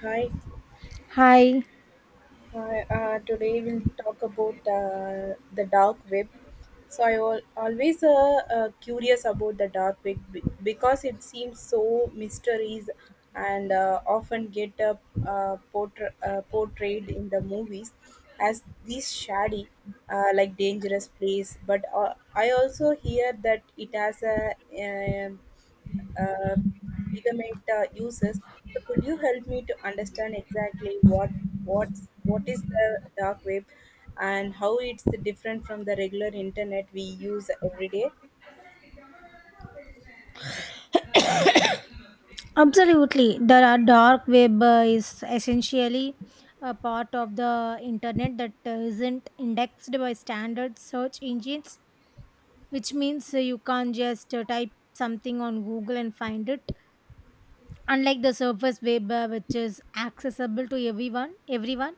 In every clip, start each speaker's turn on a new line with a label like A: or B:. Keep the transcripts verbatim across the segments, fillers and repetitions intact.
A: Hi,
B: Hi,
A: hi. Uh, today we'll talk about uh, the dark web. So I al always uh, uh, curious about the dark web be- because it seems so mysteries and uh, often get uh, uh, portra- uh, portrayed in the movies as this shady, uh, like dangerous place. But uh, I also hear that it has a um uh, Ligament uh, uses. So could you help me to understand exactly what what's what is the dark web and how it's different from the regular internet we use every day?
B: absolutely. The dark web uh, is essentially a part of the internet that uh, isn't indexed by standard search engines, which means uh, you can't just uh, type something on Google and find it. Unlike the surface web, uh, which is accessible to everyone, everyone,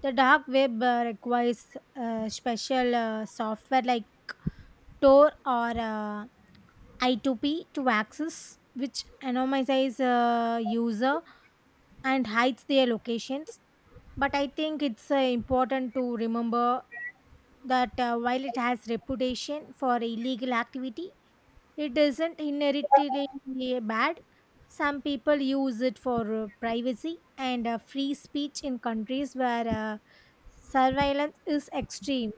B: the dark web uh, requires uh, special uh, software like Tor or uh, I two P to access, which anonymizes uh, user and hides their locations. But I think it's uh, important to remember that uh, while it has reputation for illegal activity, it isn't inherently bad. Some people use it for uh, privacy and uh, free speech in countries where uh, surveillance is extreme.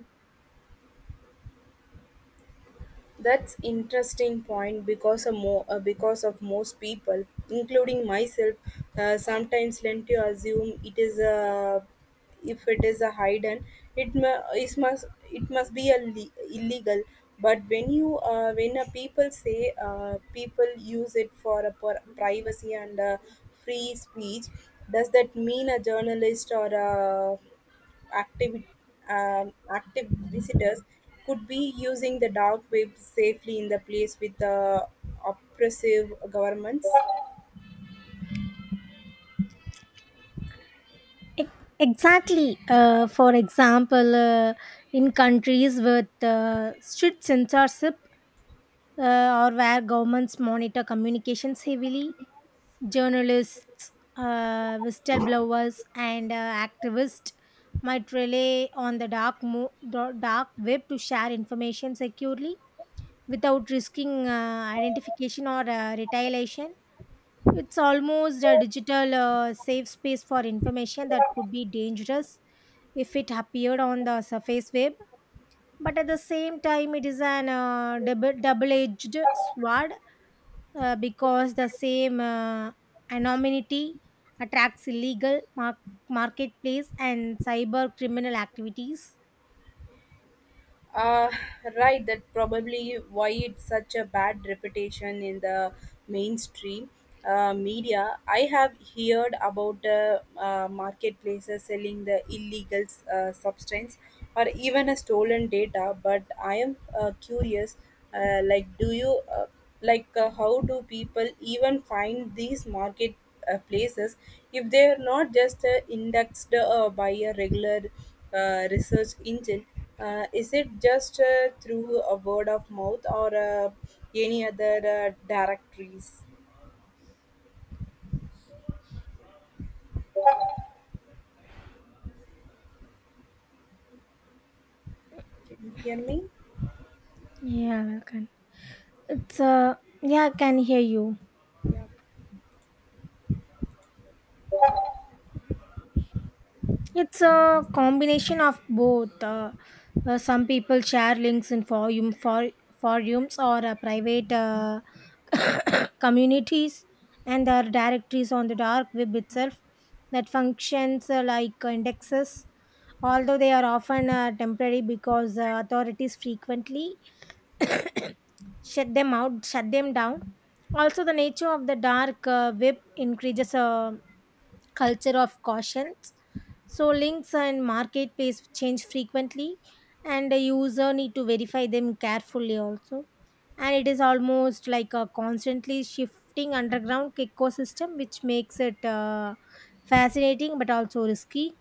A: That's interesting point because of, mo- uh, because of most people, including myself, uh, sometimes tend to assume it is a if it is a hidden, it, mu- it must it must be a le- illegal. But when you uh, when a people say uh, people use it for a per- privacy and uh, free speech, does that mean a journalist or a active, um, active visitors could be using the dark web safely in the place with the oppressive governments.
B: E- Exactly. Uh, for example, uh, in countries with uh, strict censorship, uh, or where governments monitor communications heavily, journalists, uh, whistleblowers, and uh, activists might rely on the dark, mo- da- dark web to share information securely without risking uh, identification or uh, retaliation. It's almost a digital uh, safe space for information that could be dangerous if it appeared on the surface web. But at the same time, it is an uh, double edged sword uh, because the same uh, anonymity attracts illegal mar- marketplace and cyber criminal activities.
A: Uh, right, that probably why it's such a bad reputation in the mainstream uh, media. I have heard about uh, uh, marketplaces selling the illegal uh, substance or even a stolen data, but I am uh, curious. Uh, like, do you uh, like uh, how do people even find these market uh, places if they are not just uh, indexed uh, by a regular uh, research engine? Uh, is it just uh, through a word of mouth or uh, any other uh, directories? Can you hear me?
B: Yeah, I can. It's uh yeah, I can hear you.
A: Yeah.
B: It's a combination of both. Uh, uh, some people share links in forum, for, forums or uh, private uh, communities, and there are directories on the dark web itself that functions uh, like indexes. Although they are often uh, temporary because uh, authorities frequently shut them out, shut them down. Also, the nature of the dark uh, web increases. Uh, culture of caution. So links and marketplace change frequently, and the user need to verify them carefully also. And it is almost like a constantly shifting underground ecosystem, which makes it uh, fascinating but also risky.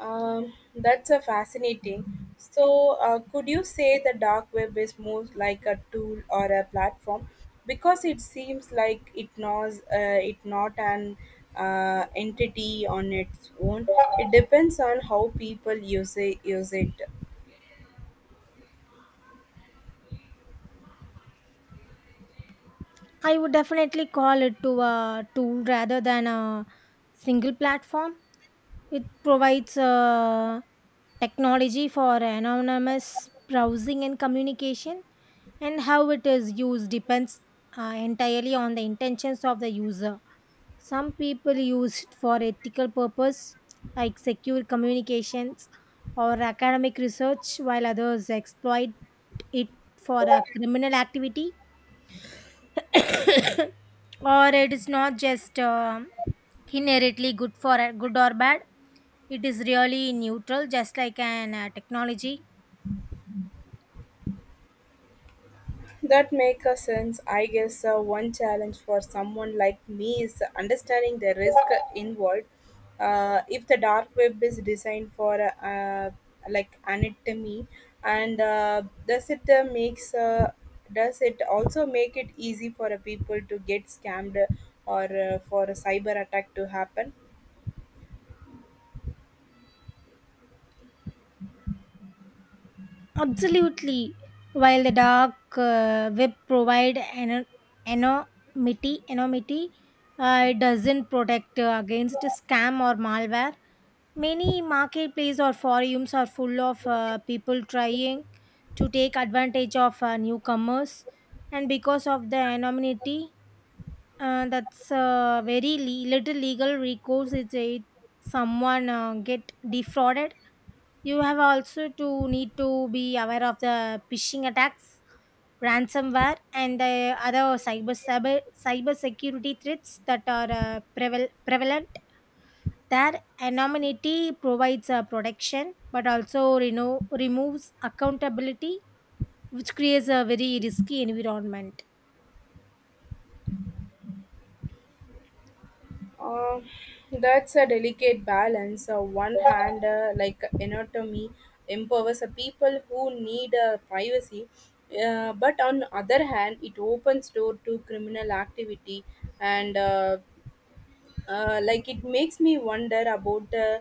A: Um, that's a fascinating. So, uh, could you say the dark web is more like a tool or a platform? Because it seems like it knows uh, it not an uh, entity on its own. It depends on how people use it. Use it.
B: I would definitely call it to a tool rather than a single platform. It provides uh, technology for anonymous browsing and communication, and how it is used depends uh, entirely on the intentions of the user. Some people use it for ethical purpose, like secure communications or academic research, while others exploit it for a criminal activity or it is not just um inherently good for good or bad, it is really neutral just like an uh, technology.
A: That makes a sense. I guess uh, one challenge for someone like me is understanding the risk involved. Uh, if the dark web is designed for uh, uh, like anatomy, and uh, does it uh, makes uh, does it also make it easy for uh, people to get scammed or uh, for a cyber attack to happen?
B: Absolutely, while the dark uh, web provide an anonymity anonymity, uh, it doesn't protect uh, against scam or malware. Many marketplaces or forums are full of uh, people trying to take advantage of uh, newcomers, and because of the anonymity, Uh, that's uh, very le- little legal recourse if they- someone uh, get defrauded. You have also to need to be aware of the phishing attacks, ransomware, and the other cyber cyber cyber security threats that are uh, preval- prevalent. Their anonymity provides uh, protection, but also, you know, removes accountability, which creates a very risky environment.
A: Uh, that's a delicate balance. On one hand, uh, like anatomy empowers a people who need uh, privacy, uh, but on other hand, it opens door to criminal activity, and uh, uh, like it makes me wonder about uh,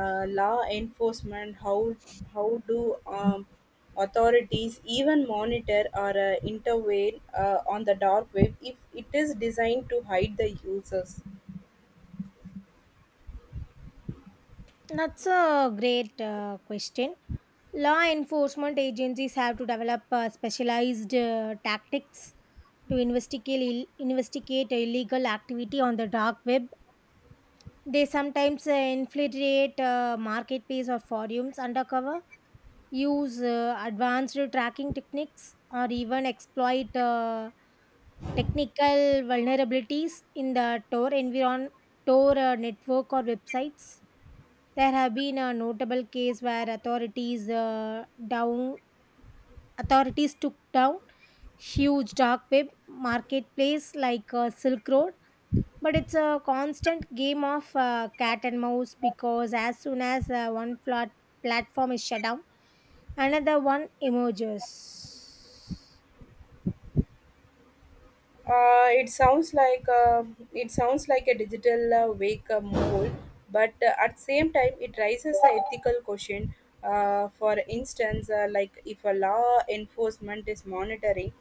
A: uh, law enforcement. How how do um, authorities even monitor or uh, intervene uh, on the dark web if it is designed to hide the users?
B: That's a great uh, question. Law enforcement agencies have to develop uh, specialized uh, tactics to investigate Ill- investigate illegal activity on the dark web. They sometimes uh, infiltrate uh, marketplace or forums undercover, use uh, advanced tracking techniques or even exploit uh, technical vulnerabilities in the Tor environment, Tor uh, network or websites. There have been a notable case where authorities uh, down authorities took down huge dark web marketplace like uh, Silk Road, but it's a constant game of uh, cat and mouse because as soon as uh, one flat platform is shut down, another one emerges.
A: Uh, it sounds like uh, it sounds like a digital uh, wake up call, but uh, at same time it raises the ethical question. Uh, for instance, uh, like if a law enforcement is monitoring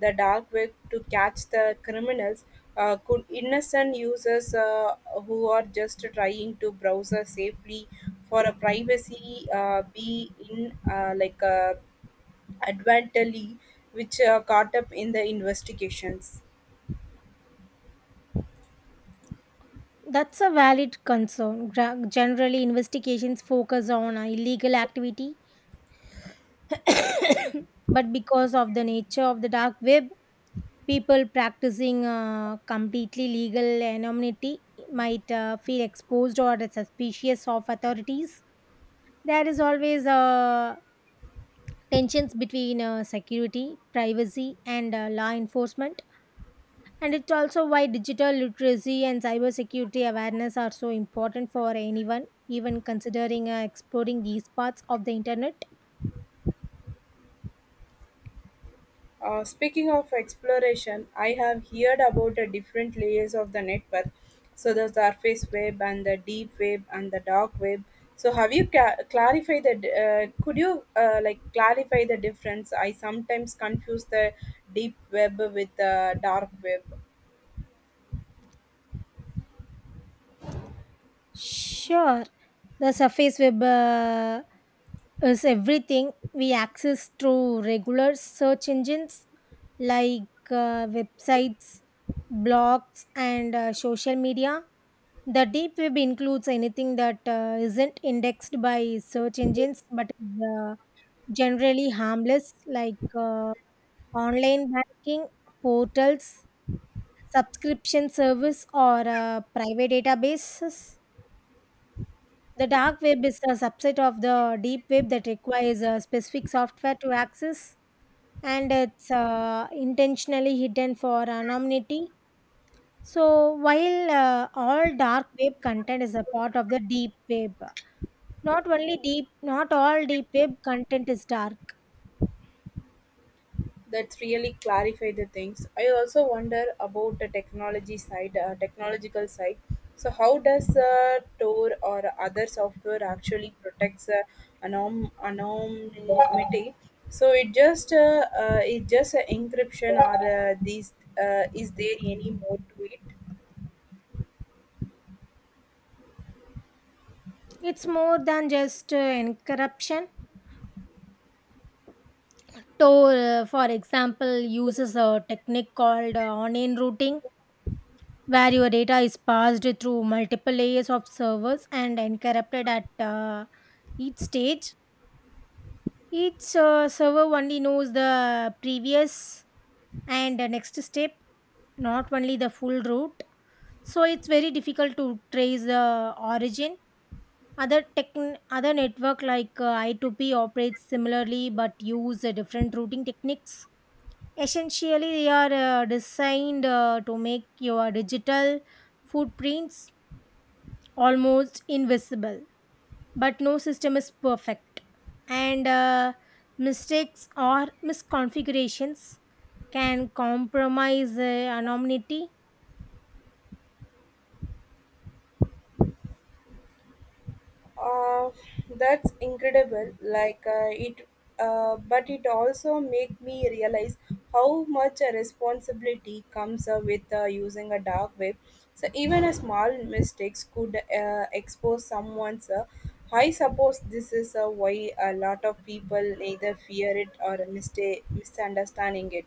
A: the dark web to catch the criminals, uh, could innocent users uh, who are just trying to browse safely for a privacy uh, be in uh, like uh, advantageously which uh, caught up in the investigations?
B: That's a valid concern. Gra- generally investigations focus on uh, illegal activity, but because of the nature of the dark web, people practicing uh, completely legal anonymity might uh, feel exposed or suspicious of authorities. There is always a tensions between uh, security, privacy, and uh, law enforcement. And it's also why digital literacy and cybersecurity awareness are so important for anyone, even considering uh, exploring these parts of the internet.
A: Uh, speaking of exploration, I have heard about the different layers of the network. So the surface web and the deep web and the dark web. So have you ca- clarify the? D- Uh, could you uh, like clarify the difference? I sometimes confuse the deep web with the dark web.
B: Sure, the surface web. Uh, is everything we access through regular search engines like uh, websites, blogs, and uh, social media. The deep web includes anything that uh, isn't indexed by search engines but is uh, generally harmless, like uh, online banking, portals, subscription service, or uh, private databases. The dark web is a subset of the deep web that requires a specific software to access, and it's uh, intentionally hidden for anonymity. So, while uh, all dark web content is a part of the deep web, not only deep, not all deep web content is dark.
A: That really clarify the things. I also wonder about the technology side, uh, technological side. So how does uh, Tor or other software actually protects uh, anom- anonymity? So it just uh, uh, it just uh, encryption or uh, these uh, is there any more to it?
B: It's more than just uh, encryption. So, uh, for example, uses a technique called uh, onion routing where your data is passed through multiple layers of servers and encrypted at uh, each stage. Each uh, server only knows the previous and the next step, not only the full route. So it's very difficult to trace the origin. Other tech, Other network like uh, I two P operates similarly but use uh, different routing techniques. Essentially, they are uh, designed uh, to make your digital footprints almost invisible. But no system is perfect, and uh, mistakes or misconfigurations can compromise uh, anonymity.
A: Uh, that's incredible. Like uh, it, uh, but it also make me realize how much a responsibility comes uh, with uh, using a dark web. So even a small mistakes could uh, expose someone's. Uh, I suppose this is uh, why a lot of people either fear it or mistake misunderstanding it.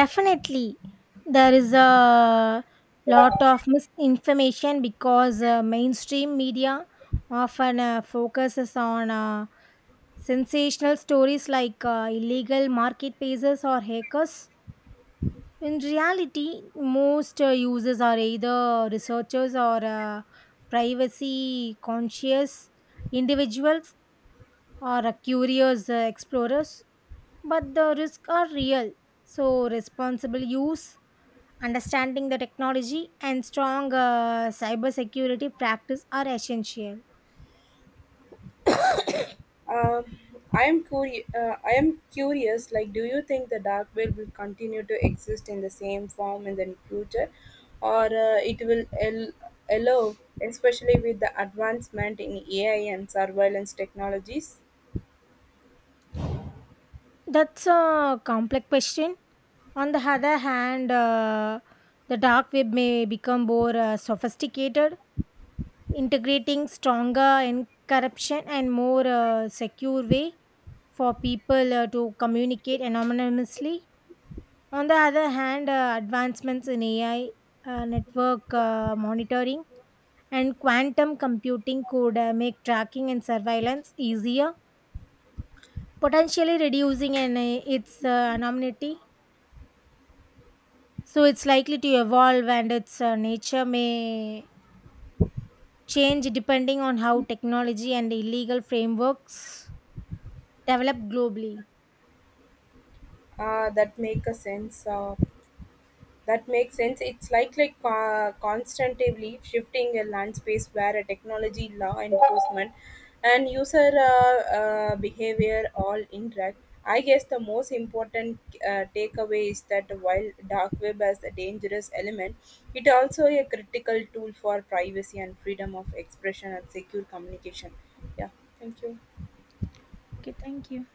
B: Definitely, there is a lot of misinformation because uh, mainstream media often uh, focuses on uh, sensational stories like uh, illegal marketplaces or hackers. In reality, most uh, users are either researchers or uh, privacy conscious individuals or uh, curious uh, explorers, but the risks are real. So, responsible use, understanding the technology, and strong uh, cybersecurity practice are essential.
A: Um, I am curi- uh, I am curious. Like, do you think the dark web will continue to exist in the same form in the future, or uh, it will el- allow, especially with the advancement in A I and surveillance technologies,
B: That's a complex question. On the other hand, uh, the dark web may become more uh, sophisticated, integrating stronger and corruption and more uh, secure way for people uh, to communicate anonymously. On the other hand, uh, advancements in A I, uh, network uh, monitoring, and quantum computing could uh, make tracking and surveillance easier, potentially reducing an, uh, its uh, anonymity. So it's likely to evolve, and its uh, nature may change depending on how technology and illegal frameworks developed globally.
A: uh, that make a sense of That makes sense. It's like like uh, constantly shifting a land space where a technology, law enforcement, and user uh, uh, behavior all interact. I guess the most important uh, takeaway is that while dark web has a dangerous element, it also a critical tool for privacy and freedom of expression and secure communication. Yeah, thank you.
B: Okay, thank you.